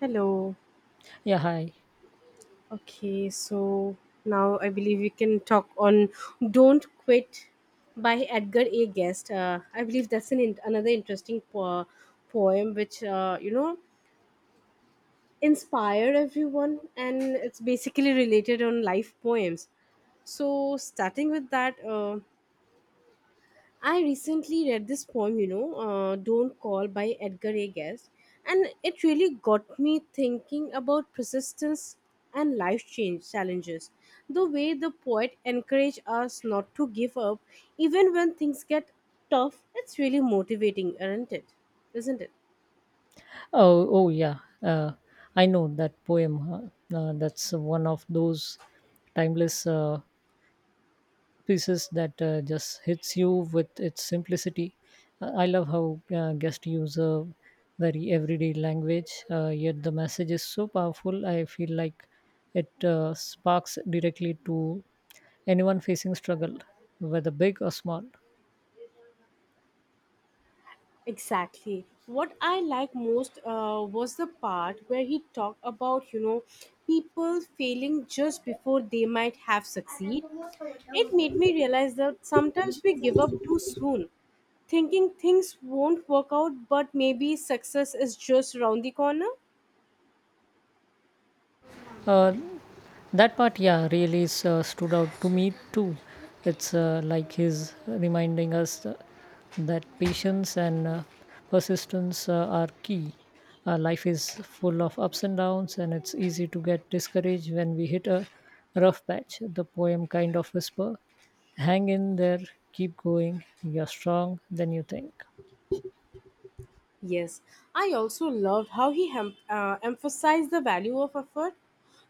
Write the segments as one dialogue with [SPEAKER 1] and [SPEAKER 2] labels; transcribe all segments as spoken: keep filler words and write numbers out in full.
[SPEAKER 1] Hello.
[SPEAKER 2] Yeah, hi.
[SPEAKER 1] Okay, so now I believe we can talk on "Don't Quit" by Edgar A. Guest. Uh, I believe that's an in- another interesting po- poem, which uh, you know inspired everyone, and it's basically related on life poems. So starting with that. Uh, I recently read this poem, you know, uh, Don't Call by Edgar A. Guest, and it really got me thinking about persistence and life change challenges. The way the poet encouraged us not to give up, even when things get tough, it's really motivating, aren't it? Isn't it?
[SPEAKER 2] Oh, oh, yeah. Uh, I know that poem. Huh? Uh, that's one of those timeless uh, pieces that uh, just hits you with its simplicity. Uh, I love how uh, guests use a very everyday language, uh, yet the message is so powerful. I feel like it uh, sparks directly to anyone facing struggle, whether big or small.
[SPEAKER 1] Exactly. What I like most uh, was the part where he talked about, you know, people failing just before they might have succeed. It made me realize that sometimes we give up too soon, thinking things won't work out, but maybe success is just around the corner.
[SPEAKER 2] Uh, That part, yeah, really s- uh, stood out to me too. It's uh, like he's reminding us uh, that patience and uh, persistence uh, are key. Uh, life is full of ups and downs, and it's easy to get discouraged when we hit a rough patch. The poem kind of whisper, "Hang in there, keep going. You're strong than you think."
[SPEAKER 1] Yes, I also loved how he hem- uh, emphasized the value of effort,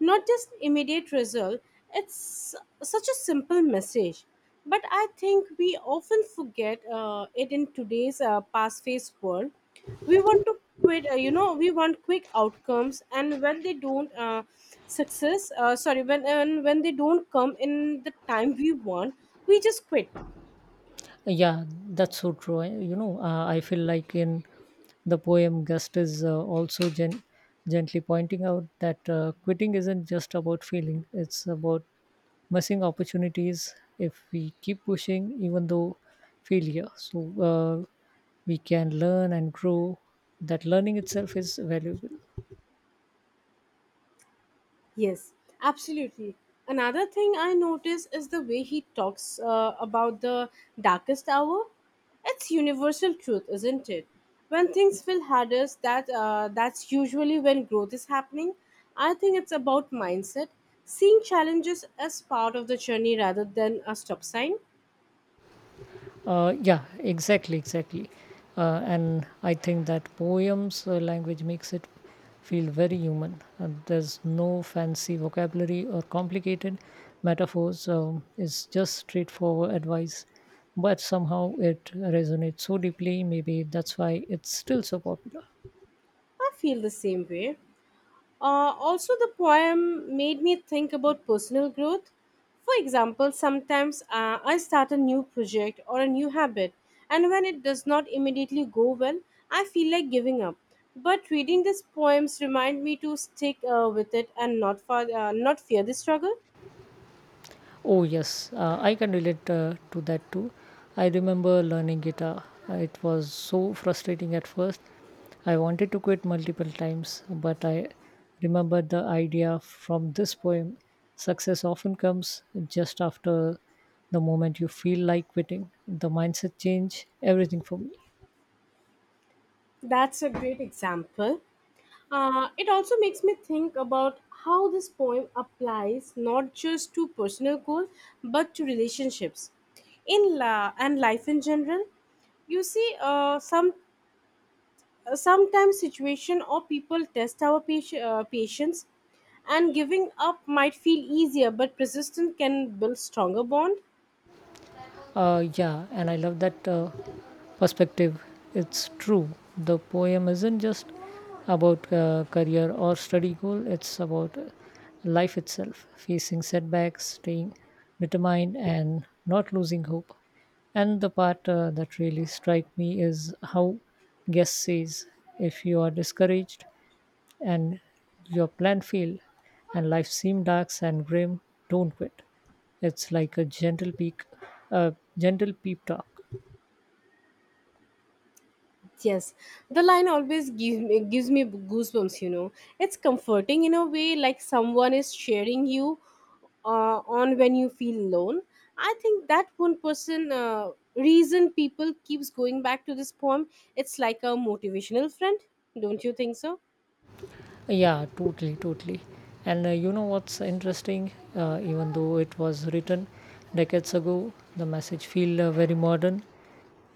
[SPEAKER 1] not just immediate result. It's such a simple message, but I think we often forget uh, it in today's uh, fast-paced world. We want to quit, uh, you know, we want quick outcomes, and when they don't uh, success, uh, sorry, when and when they don't come in the time we want, we just quit.
[SPEAKER 2] Yeah, that's so true. I, you know, uh, I feel like in the poem, Gust is uh, also gen- gently pointing out that uh, quitting isn't just about feeling, it's about missing opportunities if we keep pushing, even though failure. So uh, we can learn and grow. That learning itself is valuable.
[SPEAKER 1] Yes, absolutely. Another thing I notice is the way he talks uh, about the darkest hour. It's universal truth, isn't it? When things feel hardest, that uh, that's usually when growth is happening. I think it's about mindset, seeing challenges as part of the journey rather than a stop sign.
[SPEAKER 2] Uh, yeah, exactly, exactly. Uh, and I think that poems uh, language makes it feel very human. Uh, there's no fancy vocabulary or complicated metaphors. Um, it's just straightforward advice, but somehow it resonates so deeply. Maybe that's why it's still so popular.
[SPEAKER 1] I feel the same way. Uh, also, the poem made me think about personal growth. For example, sometimes uh, I start a new project or a new habit, and when it does not immediately go well, I feel like giving up. But reading these poems remind me to stick uh, with it and not, fa- uh, not fear the struggle.
[SPEAKER 2] Oh, yes, uh, I can relate uh, to that too. I remember learning guitar. Uh, It was so frustrating at first. I wanted to quit multiple times, but I remembered the idea from this poem. Success often comes just after the moment you feel like quitting. The mindset changed everything for me.
[SPEAKER 1] That's a great example. Uh, it also makes me think about how this poem applies not just to personal goals but to relationships in la and life in general. You see, uh, some uh, sometimes situation or people test our pati- uh, patience, and giving up might feel easier, but persistence can build stronger bond.
[SPEAKER 2] Uh, yeah, and I love that uh, perspective. It's true. The poem isn't just about uh, career or study goal, it's about uh, life itself, facing setbacks, staying determined, and not losing hope. And the part uh, that really strike me is how guest says, if you are discouraged, and your plan failed, and life seemed dark and grim, don't quit. It's like a gentle peak, a gentle peep talk.
[SPEAKER 1] Yes, the line always give me, gives me goosebumps. You know, it's comforting in a way, like someone is sharing you uh, on when you feel alone. I think that one person uh, reason people keeps going back to this poem. It's like a motivational friend, don't you think so?
[SPEAKER 2] Yeah, totally, totally. And uh, you know what's interesting? Uh, even though it was written decades ago, the message feel uh, very modern.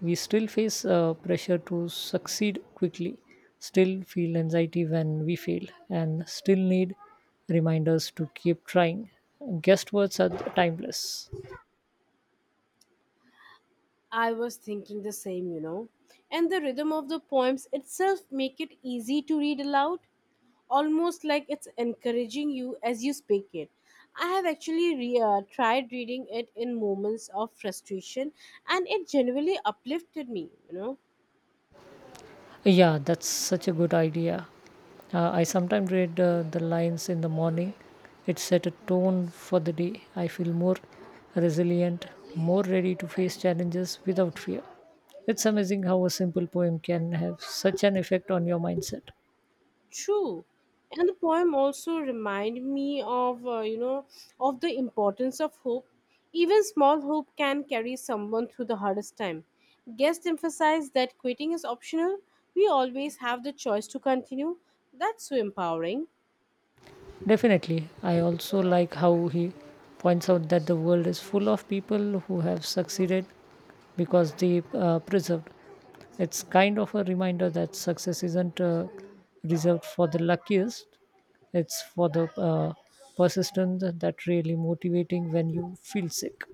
[SPEAKER 2] We still face uh, pressure to succeed quickly, still feel anxiety when we fail, and still need reminders to keep trying. Guest words are timeless.
[SPEAKER 1] I was thinking the same, you know. And the rhythm of the poems itself make it easy to read aloud, almost like it's encouraging you as you speak it. I have actually re- uh, tried reading it in moments of frustration, and it genuinely uplifted me, you know.
[SPEAKER 2] Yeah, that's such a good idea. Uh, I sometimes read uh, the lines in the morning. It set a tone for the day. I feel more resilient, more ready to face challenges without fear. It's amazing how a simple poem can have such an effect on your mindset.
[SPEAKER 1] True. And the poem also remind me of, uh, you know, of the importance of hope. Even small hope can carry someone through the hardest time. Guest emphasized that quitting is optional. We always have the choice to continue. That's so empowering.
[SPEAKER 2] Definitely. I also like how he points out that the world is full of people who have succeeded because they uh, preserved. It's kind of a reminder that success isn't uh, reserved for the luckiest, it's for the uh, persistent that really motivating when you feel sick.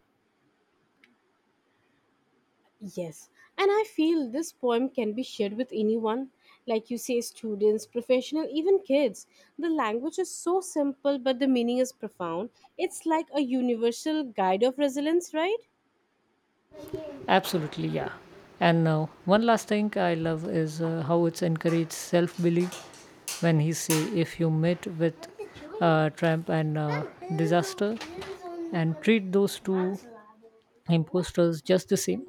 [SPEAKER 1] Yes. And I feel this poem can be shared with anyone. Like you say, students, professional, even kids. The language is so simple, but the meaning is profound. It's like a universal guide of resilience, right?
[SPEAKER 2] Absolutely, yeah. And uh, one last thing I love is uh, how it's encouraged self belief when he say if you meet with uh, Trump and uh, disaster and treat those two imposters just the same.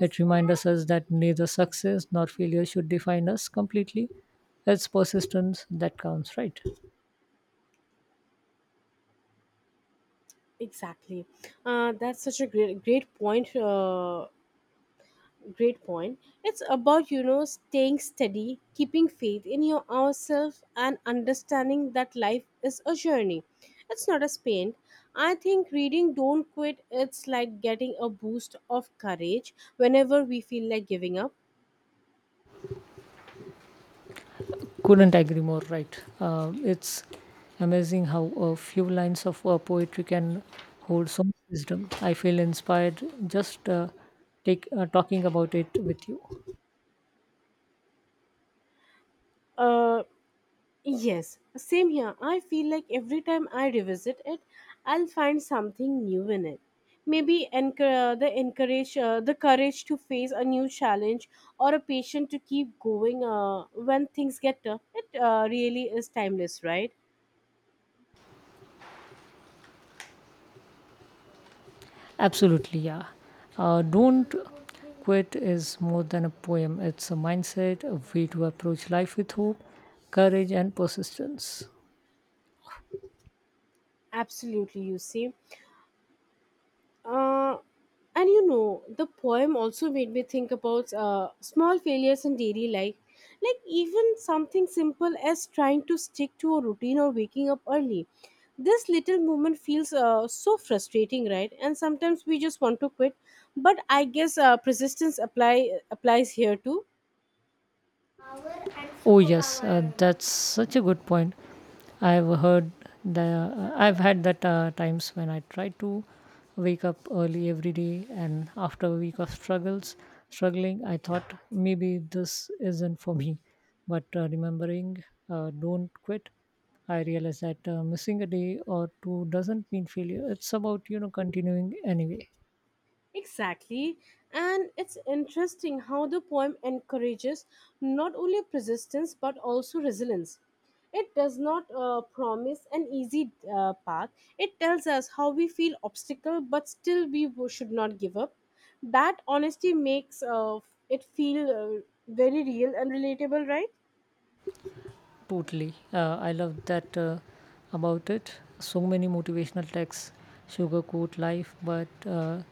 [SPEAKER 2] It reminds us that neither success nor failure should define us completely. It's persistence that counts, right?
[SPEAKER 1] Exactly. Uh, that's such a great, great point. Uh, great point. It's about you know staying steady, keeping faith in your ourselves, and understanding that life is a journey. It's not a sprint. I think reading "Don't Quit" it's like getting a boost of courage whenever we feel like giving up.
[SPEAKER 2] Couldn't agree more, right? Uh, it's amazing how a few lines of uh, poetry can hold so much wisdom. I feel inspired just uh, take, uh, talking about it with you.
[SPEAKER 1] Uh, Yes, same here. I feel like every time I revisit it, I'll find something new in it. Maybe encour- uh, the encourage uh, the courage to face a new challenge or a patient to keep going uh, when things get tough. It uh, really is timeless, right?
[SPEAKER 2] Absolutely, yeah. Uh, Don't Quit is more than a poem, it's a mindset, a way to approach life with hope, courage, and persistence.
[SPEAKER 1] Absolutely, you see. uh, and you know the poem also made me think about uh, small failures in daily life, like even something simple as trying to stick to a routine or waking up early. This little movement feels uh, so frustrating, right? And sometimes we just want to quit, but I guess uh, persistence apply applies here too.
[SPEAKER 2] Oh yes, uh, that's such a good point. I've heard the I've had that uh, times when I try to wake up early every day, and after a week of struggles, struggling, I thought maybe this isn't for me. But uh, remembering, uh, don't quit. I realized that uh, missing a day or two doesn't mean failure. It's about you know continuing anyway.
[SPEAKER 1] Exactly. And it's interesting how the poem encourages not only persistence but also resilience. It does not uh, promise an easy uh, path. It tells us how we feel obstacle, but still we w- should not give up. That honesty makes uh, it feel uh, very real and relatable, right?
[SPEAKER 2] Totally. Uh, I love that uh, about it. So many motivational texts sugarcoat life, but uh,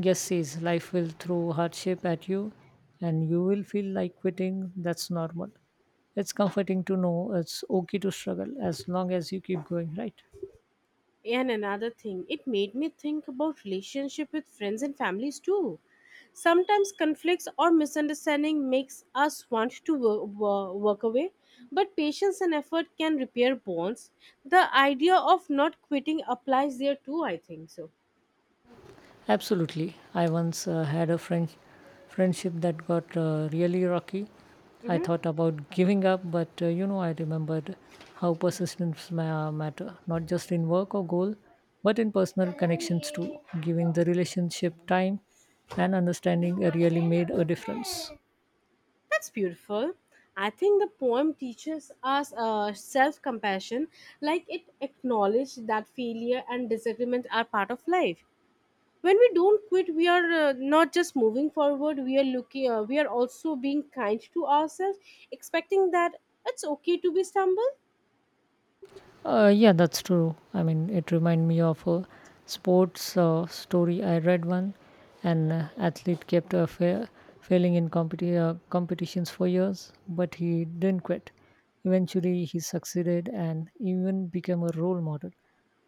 [SPEAKER 2] guess says life will throw hardship at you and you will feel like quitting. That's normal. It's comforting to know it's okay to struggle as long as you keep going, right?
[SPEAKER 1] And another thing, it made me think about relationship with friends and families too. Sometimes conflicts or misunderstanding makes us want to wo- wo- work away, but patience and effort can repair bonds. The idea of not quitting applies there too, I think so.
[SPEAKER 2] Absolutely. I once uh, had a friend friendship that got uh, really rocky. I
[SPEAKER 1] Hmm.
[SPEAKER 2] thought about giving up, but uh, you know, I remembered how persistence ma- matter, not just in work or goal, but in personal connections too. Giving the relationship time and understanding uh, really made a difference.
[SPEAKER 1] That's beautiful. I think the poem teaches us uh, self compassion, like it acknowledges that failure and disagreement are part of life. When we don't quit, we are uh, not just moving forward, we are looking uh, we are also being kind to ourselves, expecting that it's okay to be stumble.
[SPEAKER 2] Uh, yeah, that's true. I mean, it reminded me of a sports uh, story I read one. An uh, athlete kept uh, fa- failing in competi- uh, competitions for years, but he didn't quit. Eventually, he succeeded and even became a role model.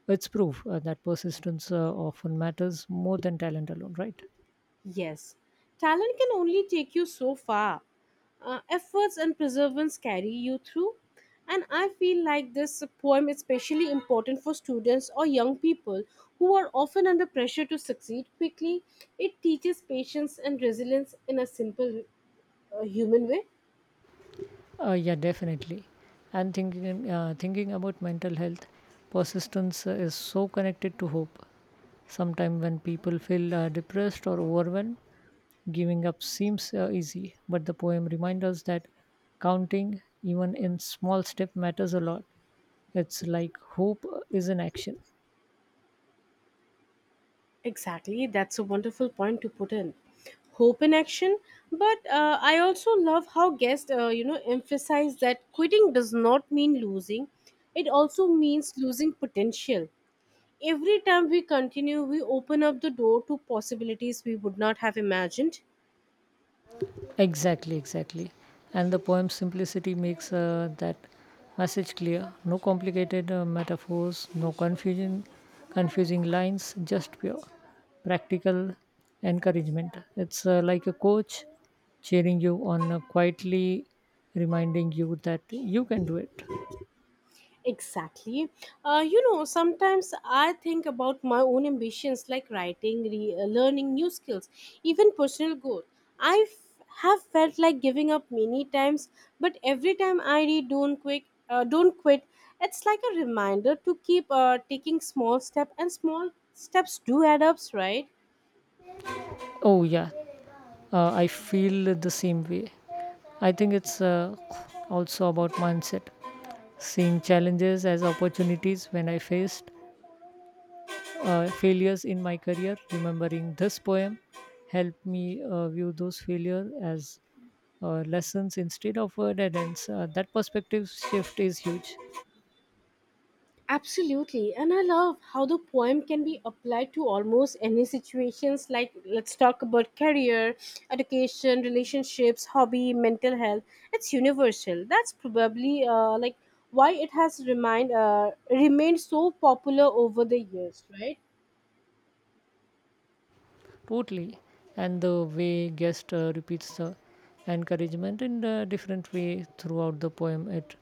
[SPEAKER 2] It's proof uh, that persistence uh, often matters more than talent alone, right?
[SPEAKER 1] Yes, talent can only take you so far. Uh, efforts and perseverance carry you through. And I feel like this poem is especially important for students or young people who are often under pressure to succeed quickly. It teaches patience and resilience in a simple, uh, human way.
[SPEAKER 2] Uh, yeah, definitely. And thinking uh, thinking about mental health, persistence uh, is so connected to hope. Sometimes, when people feel uh, depressed or overwhelmed, giving up seems uh, easy, but the poem reminds us that counting, even in small step, matters a lot. It's like hope is in action.
[SPEAKER 1] Exactly, that's a wonderful point to put in. Hope in action, but uh, I also love how guests, uh, you know, emphasize that quitting does not mean losing; it also means losing potential. Every time we continue, we open up the door to possibilities we would not have imagined.
[SPEAKER 2] Exactly, exactly. And the poem's simplicity makes uh, that message clear. No complicated uh, metaphors, no confusion, confusing lines, just pure practical encouragement. It's uh, like a coach cheering you on, uh, quietly reminding you that you can do it.
[SPEAKER 1] Exactly. Uh, you know, sometimes I think about my own ambitions, like writing, re- uh, learning new skills, even personal growth. I f- have felt like giving up many times, but every time I read Don't Quit, uh, Don't Quit, it's like a reminder to keep uh, taking small step, and small steps do add ups, right?
[SPEAKER 2] Oh, yeah, uh, I feel the same way. I think it's uh, also about mindset, seeing challenges as opportunities when I faced uh, failures in my career. Remembering this poem helped me uh, view those failures as uh, lessons instead of uh, dead ends. Uh, that perspective shift is huge,
[SPEAKER 1] Absolutely. And I love how the poem can be applied to almost any situations, like let's talk about career, education, relationships, hobby, mental health. It's universal. That's probably uh, like why it has remind uh, remained so popular over the years, right?
[SPEAKER 2] totally. And the way guest uh, repeats the encouragement in a different way throughout the poem, it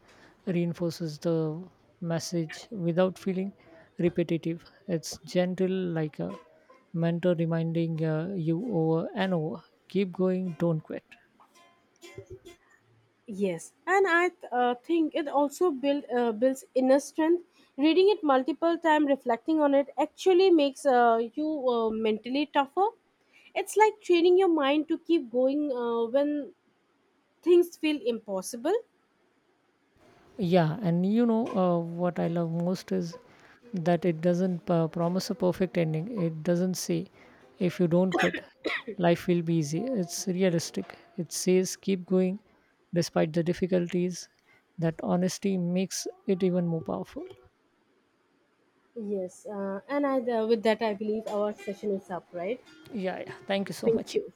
[SPEAKER 2] reinforces the message without feeling repetitive. It's gentle, like a mentor reminding uh, you over and over keep going, don't quit.
[SPEAKER 1] Yes, and I th- uh, think it also build, uh, builds inner strength. Reading it multiple times, reflecting on it, actually makes uh, you uh, mentally tougher. It's like training your mind to keep going uh, when things feel impossible.
[SPEAKER 2] Yeah, and you know uh, what I love most is that it doesn't uh, promise a perfect ending. It doesn't say if you don't quit, life will be easy. It's realistic. It says keep going despite the difficulties. That honesty makes it even more powerful.
[SPEAKER 1] Yes, uh, and I, uh, with that, I believe our session is up, right?
[SPEAKER 2] Yeah, yeah. Thank you so
[SPEAKER 1] Thank
[SPEAKER 2] much.
[SPEAKER 1] you.